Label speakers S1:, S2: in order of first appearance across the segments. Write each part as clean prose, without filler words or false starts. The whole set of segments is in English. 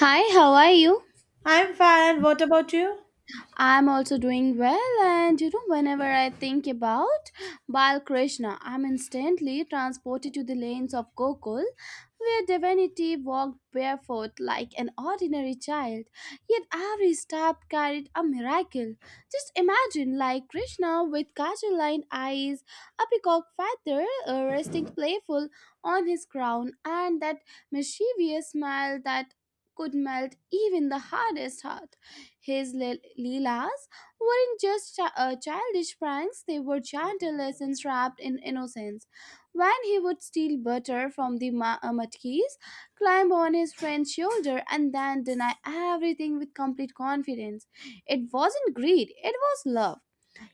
S1: Hi, how are you?
S2: I'm fine. What about you?
S1: I'm also doing well, and you know, whenever I think about Bal Krishna, I'm instantly transported to the lanes of Gokul, where divinity walked barefoot like an ordinary child, yet every step carried a miracle. Just imagine, like Krishna with kajal lined eyes, a peacock feather resting playful on his crown, and that mischievous smile that could melt even the hardest heart. His Leelas weren't just childish pranks, they were gentle lessons wrapped in innocence. When he would steal butter from the matkis, climb on his friend's shoulder, and then deny everything with complete confidence, it wasn't greed, it was love.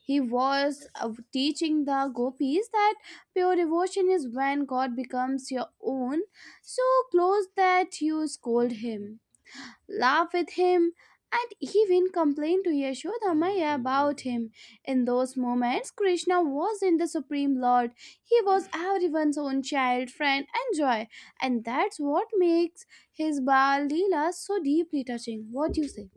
S1: He was teaching the gopis that pure devotion is when God becomes your own, so close that you scold him laugh with him, and even complain to Yashodamaya about him. In those moments, Krishna wasn't the Supreme Lord, he was everyone's own child, friend, and joy, and that's what makes his Baal Leela so deeply touching. What do you say?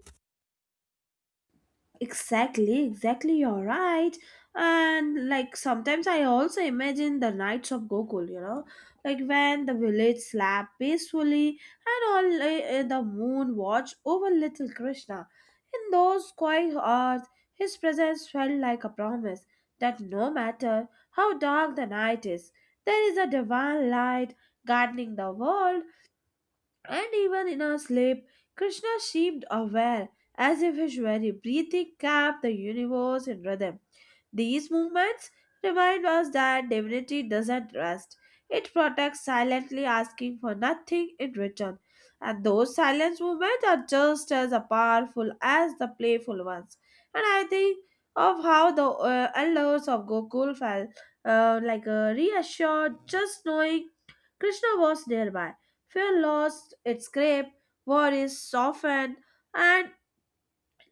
S2: Exactly, exactly. You're right. And like sometimes I also imagine the nights of Gokul, you know, like when the village slept peacefully and all the moon watched over little Krishna. In those quiet hours, his presence felt like a promise that no matter how dark the night is, there is a divine light guiding the world. And even in our sleep, Krishna seemed aware, as if his very breathing kept the universe in rhythm. These movements remind us that divinity doesn't rest. It protects silently, asking for nothing in return. And those silent movements are just as powerful as the playful ones. And I think of how the elders of Gokul felt reassured just knowing Krishna was nearby. Fear lost its grip, worries softened, and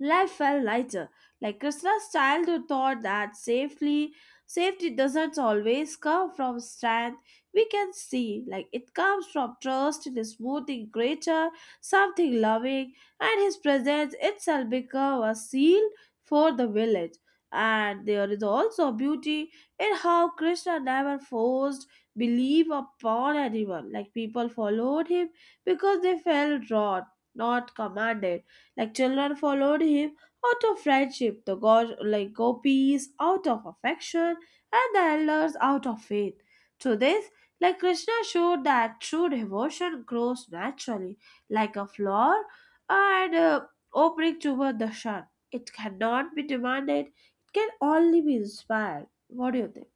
S2: life felt lighter. Like Krishna's childhood taught that safely safety doesn't always come from strength. We can see like it comes from trust in a smoothing creature, something loving, and his presence itself become a seal for the village. And there is also beauty in how Krishna never forced belief upon anyone. Like people followed him because they felt drawn, not commanded. Like children followed him out of friendship, like gopis out of affection, and the elders out of faith. Through this, like Krishna showed that true devotion grows naturally, like a flower and opening toward the sun. It cannot be demanded; it can only be inspired. What do you think?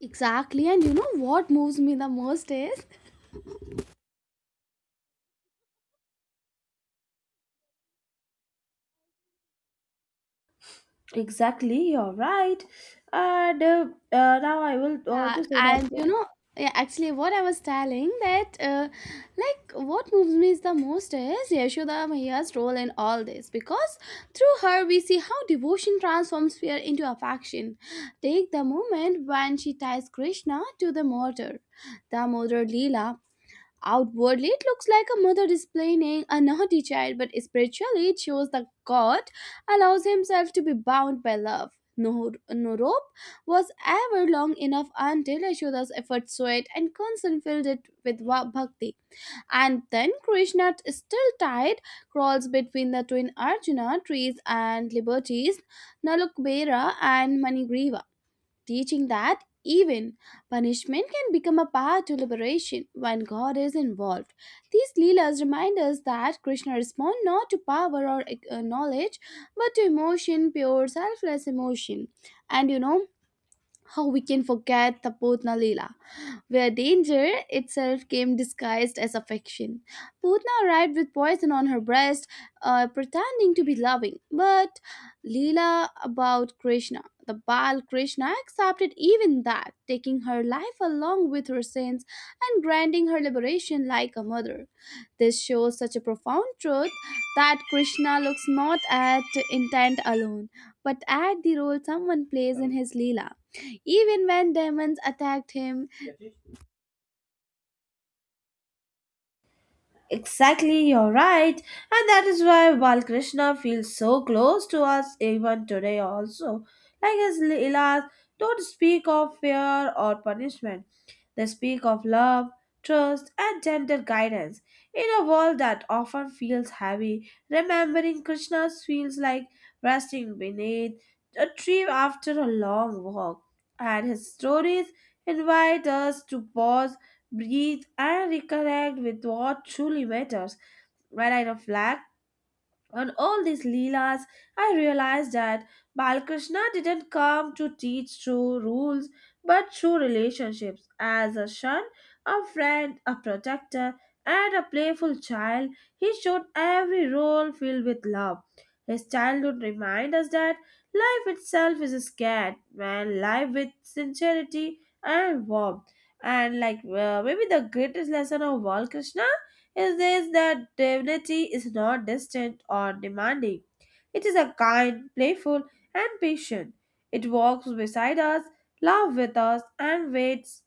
S1: Exactly, and you know what moves me the most is.
S2: Exactly, you're right. And now I will
S1: Yeah,
S2: to say
S1: and
S2: that.
S1: you know, yeah, actually, what I was telling that, what moves me is the most is Yashoda Maya's role in all this because through her we see how devotion transforms fear into affection. Take the moment when she ties Krishna to the murder. The murder Leela. Outwardly, it looks like a mother displaying a naughty child, but spiritually, it shows that God allows himself to be bound by love. No, no rope was ever long enough until Yashoda's efforts sweat and concern filled it with bhakti. And then Krishna, still tied, crawls between the twin Arjuna trees and liberties, Nalukbera and Manigriva, teaching that even punishment can become a path to liberation when God is involved. These Leelas remind us that Krishna responds not to power or knowledge but to emotion, pure selfless emotion. And you know how we can forget Tapotna Leela where danger itself came disguised as affection. Putna arrived with poison on her breast, pretending to be loving, but Leela about Krishna. The Baal Krishna accepted even that, taking her life along with her sins and granting her liberation like a mother. This shows such a profound truth that Krishna looks not at intent alone, but at the role someone plays in his Leela. Even when demons attacked him,
S2: Exactly, you're right. And that is why Balkrishna feels so close to us even today, also. Like his Leelas don't speak of fear or punishment, they speak of love, trust, and gentle guidance. In a world that often feels heavy, remembering Krishna feels like resting beneath a tree after a long walk. And his stories invite us to pause, breathe, and reconnect with what truly matters. When I reflect on all these leelas, I realized that Balakrishna didn't come to teach through rules but through relationships. As a son, a friend, a protector, and a playful child, he showed every role filled with love. His childhood reminds us that life itself is scared when life with sincerity and warmth. And like, maybe the greatest lesson of all, Krishna it says that divinity is not distant or demanding. It is a kind, playful, and patient. It walks beside us, laughs with us, and waits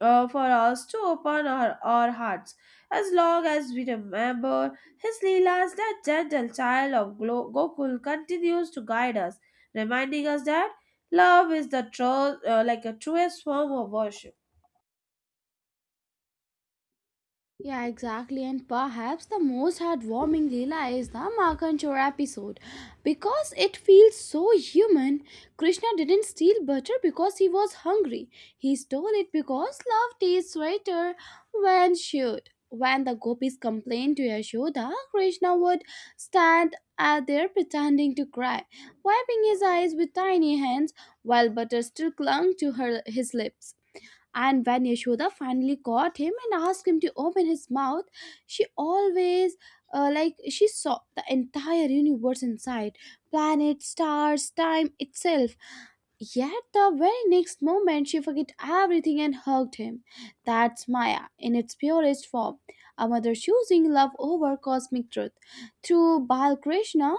S2: for us to open our hearts. As long as we remember his Leelas, that gentle child of Gokul continues to guide us, reminding us that love is the true, like a truest form of worship.
S1: yeah, exactly. And perhaps the most heartwarming Leela is the Makanchor episode. Because it feels so human, Krishna didn't steal butter because he was hungry. He stole it because love tastes sweeter when shared. When the gopis complained to Yashoda, Krishna would stand out there pretending to cry, wiping his eyes with tiny hands while butter still clung to her his lips. And when Yashoda finally caught him and asked him to open his mouth, she always, she saw the entire universe inside planets, stars, time itself. Yet the very next moment, she forgot everything and hugged him. That's Maya in its purest form, a mother choosing love over cosmic truth. Through Bal Krishna,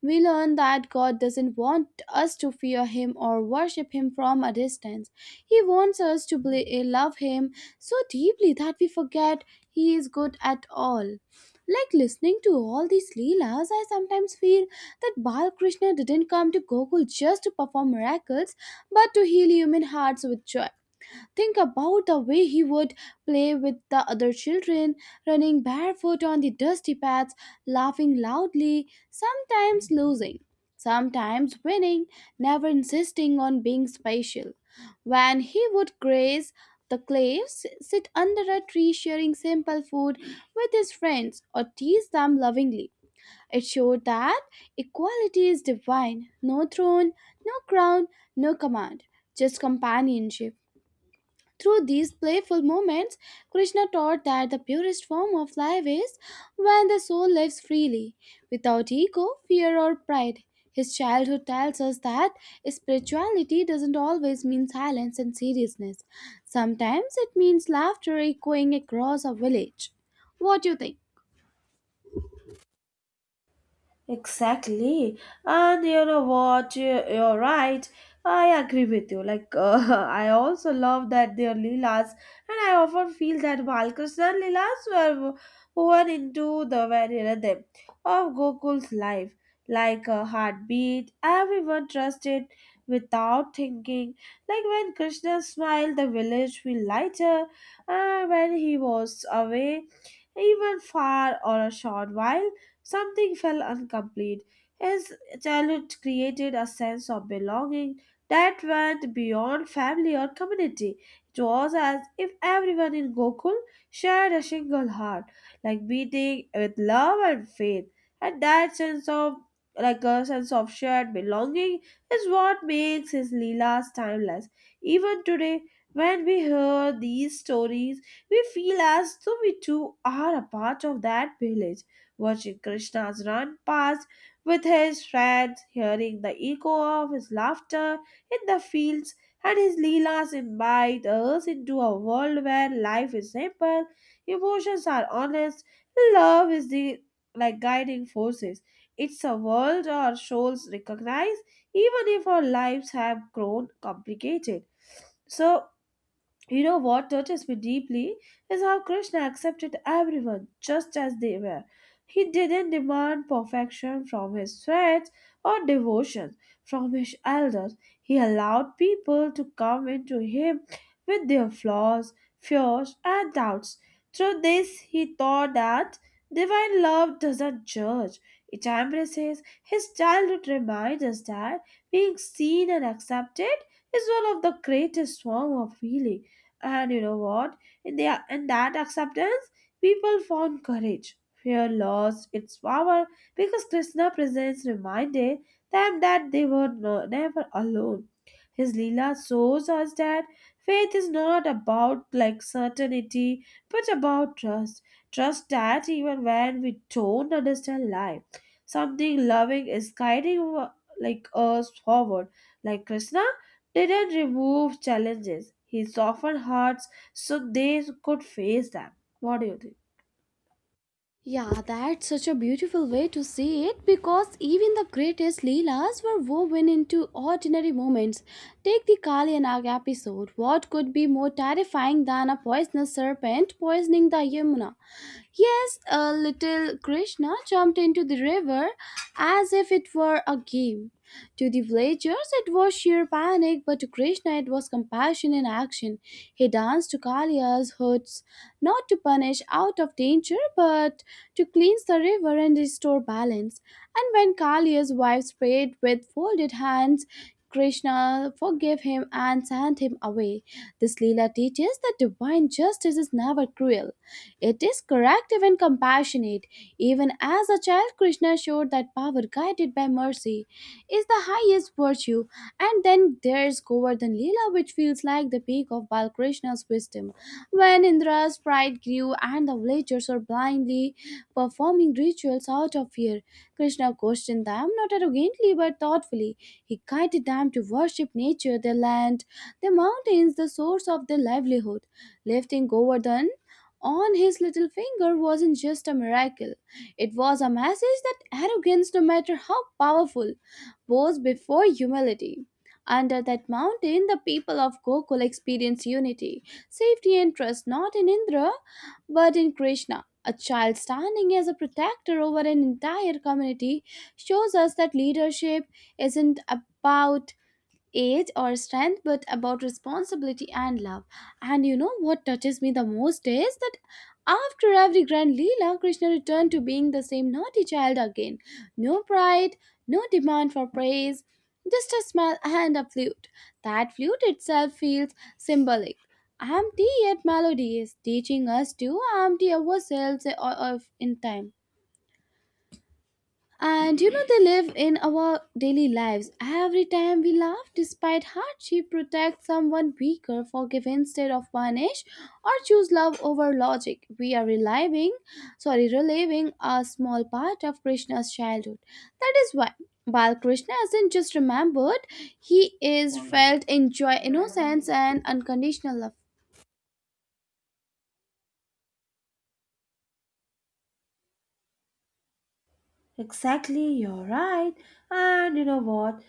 S1: we learn that God doesn't want us to fear Him or worship Him from a distance. He wants us to love Him so deeply that we forget He is good at all. Like listening to all these Leelas, I sometimes feel that Bal Krishna didn't come to Gokul just to perform miracles, but to heal human hearts with joy. Think about the way he would play with the other children, running barefoot on the dusty paths, laughing loudly, sometimes losing, sometimes winning, never insisting on being special. When he would graze the cliffs, sit under a tree sharing simple food with his friends, or tease them lovingly. It showed that equality is divine, no throne, no crown, no command, just companionship. Through these playful moments, Krishna taught that the purest form of life is when the soul lives freely, without ego, fear, or pride. His childhood tells us that spirituality doesn't always mean silence and seriousness. Sometimes it means laughter echoing across a village. What do you think?
S2: Exactly. And you know what? You're right. I agree with you. Like, I also love that they're Leelas, and I often feel that Balkrishna Leelas were woven into the very rhythm of Gokul's life. Like a heartbeat, everyone trusted without thinking. Like when Krishna smiled, the village felt lighter, and when he was away, even far or a short while, something felt incomplete. His childhood created a sense of belonging that went beyond family or community. It was as if everyone in Gokul shared a single heart, like beating with love and faith. And that sense of like a sense of shared belonging is what makes his Leelas timeless. Even today, when we hear these stories, we feel as though we too are a part of that village, watching Krishna's run past with his friends, hearing the echo of his laughter in the fields, and his Leelas invite us into a world where life is simple, emotions are honest, love is the like guiding forces. It's a world our souls recognize, even if our lives have grown complicated. So, you know what touches me deeply is how Krishna accepted everyone just as they were. He didn't demand perfection from his friends or devotion from his elders. He allowed people to come into him with their flaws, fears, and doubts. Through this, he taught that divine love doesn't judge, it embraces. His childhood reminds us that being seen and accepted is one of the greatest forms of healing. And you know what? In that acceptance, people found courage. Fear lost its power because Krishna presence reminded them that they were no, never alone. His Leela shows us that faith is not about like certainty, but about trust. Trust that even when we don't understand life, something loving is like us forward. Like Krishna didn't remove challenges. He softened hearts so they could face them. What do you think?
S1: Yeah, that's such a beautiful way to see it because even the greatest Leelas were woven into ordinary moments. Take the Kali and Nag episode. What could be more terrifying than a poisonous serpent poisoning the Yamuna? Yes, a little Krishna jumped into the river as if it were a game. To the villagers, it was sheer panic, but to Krishna, it was compassion in action. He danced to Kaliya's hoods, not to punish out of danger, but to cleanse the river and restore balance. And when Kaliya's wife prayed with folded hands, Krishna forgave him and sent him away. This Leela teaches that divine justice is never cruel. It is corrective and compassionate. Even as a child, Krishna showed that power guided by mercy is the highest virtue. And then there's Govardhan Leela, which feels like the peak of Balkrishna's wisdom, when Indra's pride grew and the villagers were blindly performing rituals out of fear. Krishna questioned them not arrogantly but thoughtfully. He guided them to worship nature, their land, the mountains, the source of their livelihood. Lifting Govardhan on his little finger wasn't just a miracle. It was a message that arrogance, no matter how powerful, bows before humility. Under that mountain, the people of Gokul experience unity, safety, and trust not in Indra but in Krishna. A child standing as a protector over an entire community shows us that leadership isn't about age or strength, but about responsibility and love. And you know what touches me the most is that after every grand Leela, Krishna returned to being the same naughty child again. No pride, no demand for praise, just a smile and a flute. That flute itself feels symbolic. Empty yet melodious, teaching us to empty ourselves of- in time. And you know, they live in our daily lives. Every time we laugh, despite hardship, protect someone weaker, forgive instead of punish, or choose love over logic. We are reliving, sorry, reliving a small part of Krishna's childhood. That is why. Bal Krishna isn't just remembered, he is felt in joy, innocence, and unconditional love.
S2: Exactly, you're right. And you know what?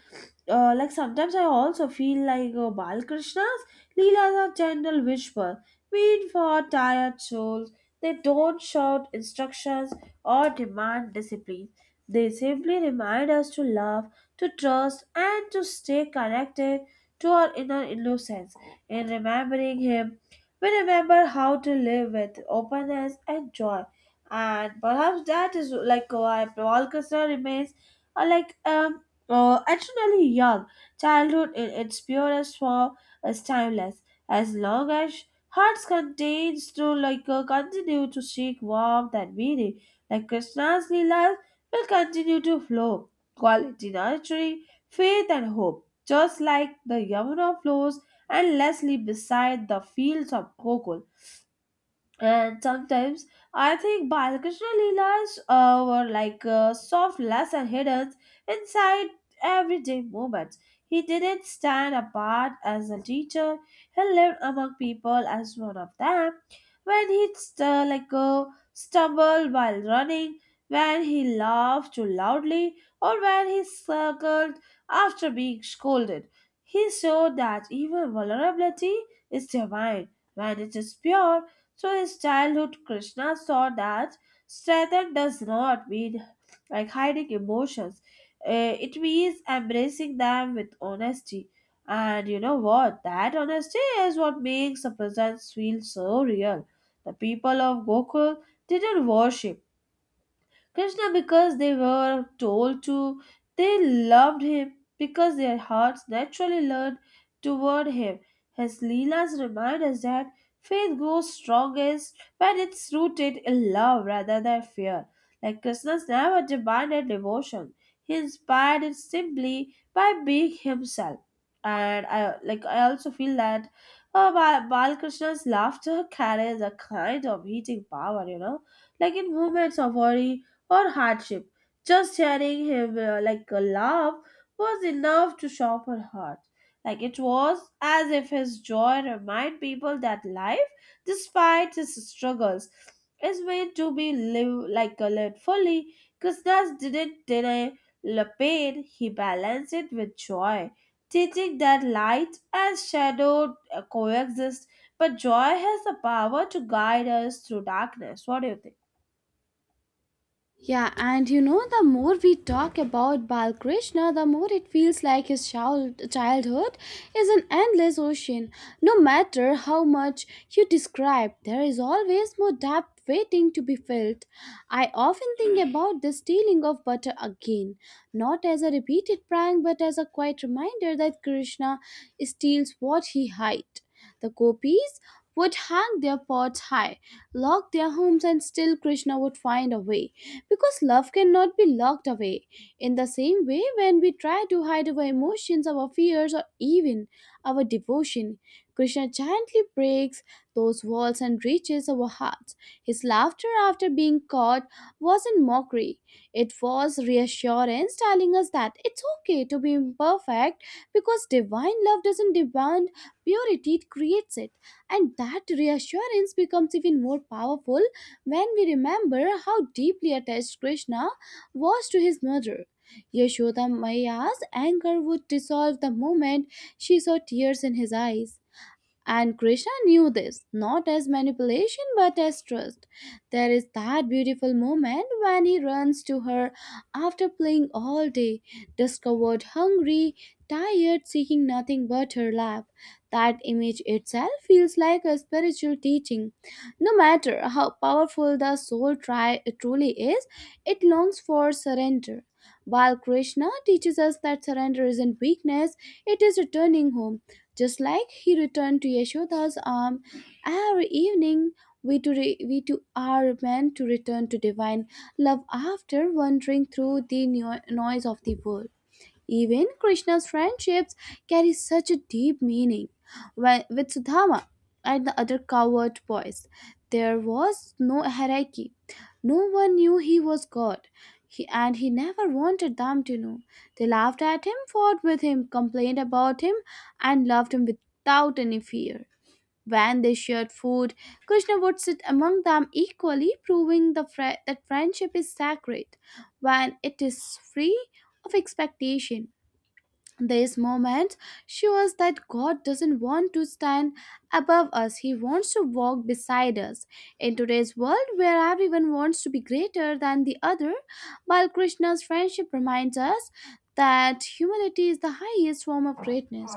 S2: Like sometimes I also feel like Balkrishna's Leelas are gentle whispers, mean for tired souls. They don't shout instructions or demand discipline. They simply remind us to love, to trust, and to stay connected to our inner innocence. In remembering him, we remember how to live with openness and joy, and perhaps that is like why Balkasar remains uh, like um eternally young. Childhood in its purest form is timeless, as long as hearts contains to like continue to seek warmth and meaning. Like Krishna's lila will continue to flow, quality nurturing, faith and hope, just like the Yamuna flows endlessly beside the fields of cocoa. And sometimes I think Balakrishna Leelas were like soft lesson hidden inside everyday moments. He didn't stand apart as a teacher. He lived among people as one of them. When he stumbled while running, when he laughed too loudly, or when he circled after being scolded, he showed that even vulnerability is divine when it is pure. So his childhood Krishna saw that strength does not mean like hiding emotions. It means embracing them with honesty. And you know what? That honesty is what makes a presence feel so real. The people of Gokul didn't worship Krishna because they were told to, they loved him because their hearts naturally leaned toward him. His Leelas remind us that faith grows strongest when it's rooted in love rather than fear. Like Krishna's never demanded devotion. He inspired it simply by being himself. And I also feel that Balakrishna's laughter carries a kind of heating power, you know. Like in moments of worry, or hardship. Just hearing him like a laugh was enough to shock her heart. Like it was as if his joy reminded people that life, despite his struggles, is meant to be lived like a lived fully. Krishna didn't deny the pain, he balanced it with joy, teaching that light and shadow coexist, but joy has the power to guide us through darkness. What do you think?
S1: Yeah, and you know, the more we talk about Balkrishna, the more it feels like his childhood is an endless ocean. No matter how much you describe, there is always more depth waiting to be filled. I often think about the stealing of butter again, not as a repeated prank, but as a quiet reminder that Krishna steals what he hides. The copies would hang their pots high, lock their homes, and still Krishna would find a way. Because love cannot be locked away. In the same way, when we try to hide our emotions, our fears, or even our devotion, Krishna gently breaks those walls and reaches our hearts. His laughter after being caught wasn't mockery, it was reassurance telling us that it's okay to be imperfect because divine love doesn't demand purity, it creates it. And that reassurance becomes even more powerful when we remember how deeply attached Krishna was to his mother. Yashoda Maya's anger would dissolve the moment she saw tears in his eyes. And Krishna knew this, not as manipulation but as trust. There is that beautiful moment when he runs to her after playing all day, discovered hungry, tired, seeking nothing but her lap. That image itself feels like a spiritual teaching. No matter how powerful the truly is, it longs for surrender. While Krishna teaches us that surrender isn't weakness, it is returning home. Just like he returned to Yashoda's arm every evening, we too are meant to return to divine love after wandering through the noise of the world. Even Krishna's friendships carry such a deep meaning. When, with Sudhama and the other coward boys, there was no hierarchy. No one knew he was God, he, and he never wanted them to know. They laughed at him, fought with him, complained about him, and loved him without any fear. When they shared food, Krishna would sit among them equally, proving that friendship is sacred when it is free of expectation. This moment shows that God doesn't want to stand above us, He wants to walk beside us. In today's world, where everyone wants to be greater than the other, while Krishna's friendship reminds us that humility is the highest form of greatness.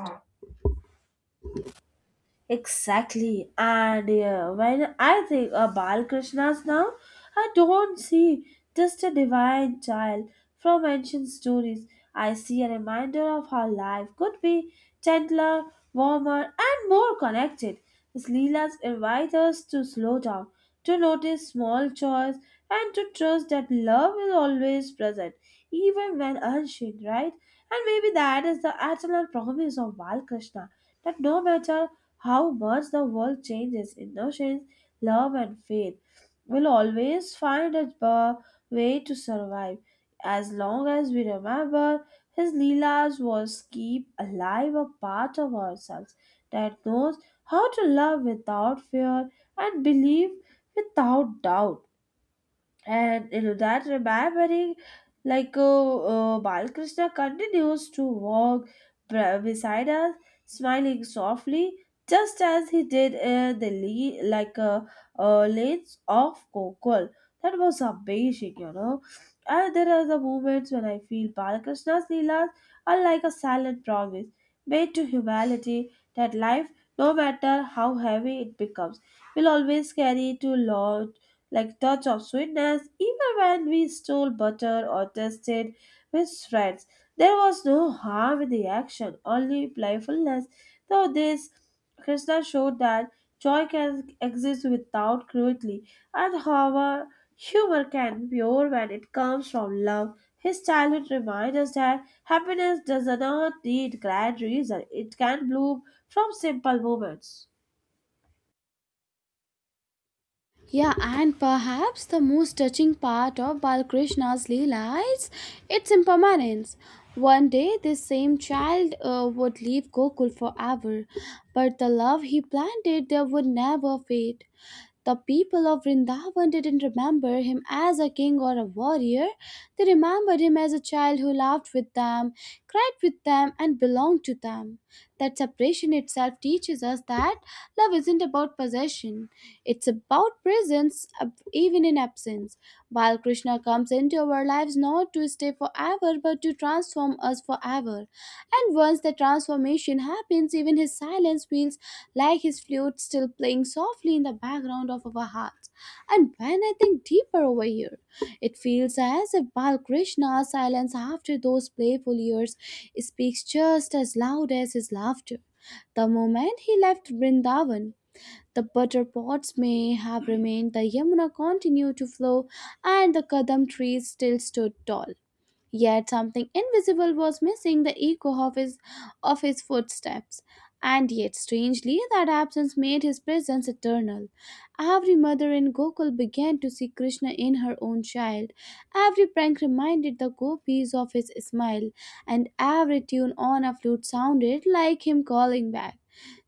S2: Exactly. And when I think of Balkrishna's now, I don't see just a divine child from ancient stories. I see a reminder of how life could be gentler, warmer, and more connected. His Leelas invite us to slow down, to notice small joys, and to trust that love is always present, even when unseen, right? And maybe that is the eternal promise of Balkrishna that no matter how much the world changes, innocence, love, and faith will always find a way to survive. As long as we remember, his Leelas was keep alive a part of ourselves that knows how to love without fear and believe without doubt, and in that remembering, like balkrishna continues to walk beside us, smiling softly, just as he did in the lanes of gokul. That was amazing, you know. And there are the moments when I feel balkrishna's leelas are like a silent promise made to humanity, that life, no matter how heavy it becomes, will always carry to law like touch of sweetness, even when we stole butter or tested with friends. There was no harm in the action, only playfulness. Through this Krishna showed that joy can exist without cruelty, and however humor can be pure when it comes from love. His childhood reminds us that happiness does not need grand reason. It can bloom from simple moments.
S1: Yeah, and perhaps the most touching part of Balkrishna's Leela is its impermanence. One day, this same child would leave Gokul forever, but the love he planted there would never fade. The people of Vrindavan didn't remember him as a king or a warrior. They remembered him as a child who laughed with them, cried with them, and belonged to them. That separation itself teaches us that love isn't about possession, it's about presence, even in absence. While Krishna comes into our lives not to stay forever but to transform us forever. And once the transformation happens, even his silence feels like his flute still playing softly in the background of our hearts. And when I think deeper over here, it feels as if Balkrishna's silence after those playful years speaks just as loud as his laughter. The moment he left Vrindavan, the butter pots may have remained, the Yamuna continued to flow, and the Kadam trees still stood tall. Yet something invisible was missing the echo of his footsteps. And yet, strangely, that absence made his presence eternal. Every mother in Gokul began to see Krishna in her own child. Every prank reminded the gopis of his smile, and every tune on a flute sounded like him calling back.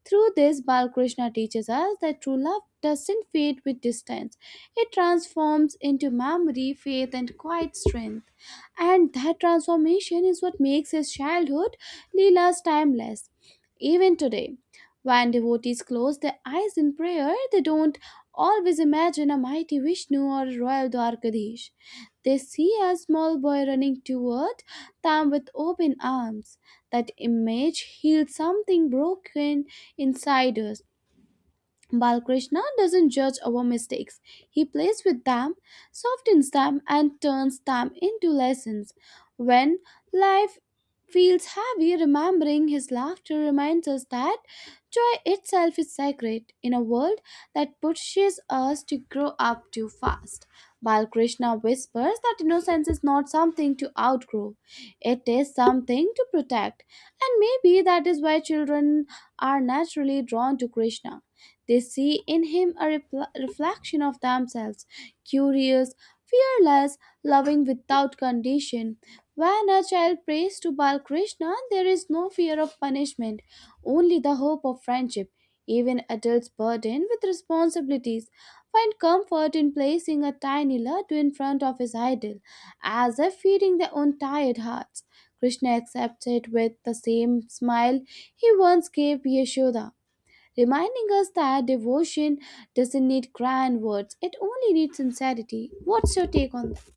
S1: Through this, Balakrishna teaches us that true love doesn't fade with distance, it transforms into memory, faith, and quiet strength and that transformation is what makes his childhood Leela's timeless. Even today, when devotees close their eyes in prayer, they don't always imagine a mighty Vishnu or a royal Dwarkadish. They see a small boy running toward them with open arms. That image heals something broken inside us. Balkrishna doesn't judge our mistakes. He plays with them, softens them, and turns them into lessons. When life feels heavy, remembering his laughter reminds us that joy itself is sacred in a world that pushes us to grow up too fast. Balkrishna whispers that innocence is not something to outgrow, it is something to protect, and maybe that is why children are naturally drawn to Krishna they see in him a reflection of themselves, curious, fearless, loving without condition. When a child prays to Bal Krishna, there is no fear of punishment, only the hope of friendship. Even adults burdened with responsibilities find comfort in placing a tiny laddu in front of his idol, as if feeding their own tired hearts. Krishna accepts it with the same smile he once gave Yashoda reminding us that devotion doesn't need grand words, it only needs sincerity. What's your take on that?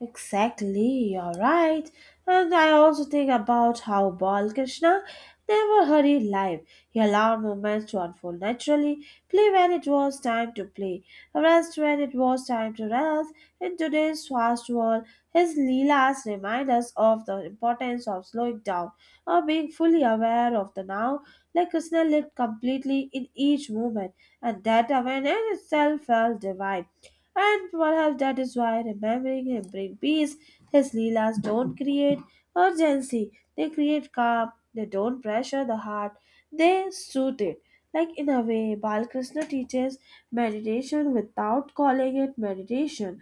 S2: Exactly, you're right. And I also think about how Balkrishna never hurried life. He allowed moments to unfold naturally, play when it was time to play, rest when it was time to rest. In today's fast world, his Leelas remind us of the importance of slowing down or being fully aware of the now. Like Krishna lived completely in each moment, and that awareness itself felt divine. And perhaps that is why remembering him brings peace. His Leelas don't create urgency, they create calm, they don't pressure the heart, they soothe it. Like in a way, Balkrishna teaches meditation without calling it meditation.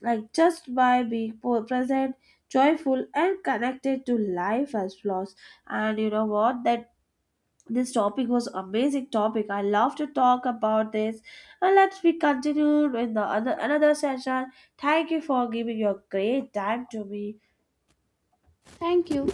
S2: Like just by being present, joyful, and connected to life as flaws. And you know what? That This topic was amazing topic, I love to talk about this, and let's be continued in the other another session. Thank you for giving your great time to me.
S1: Thank you.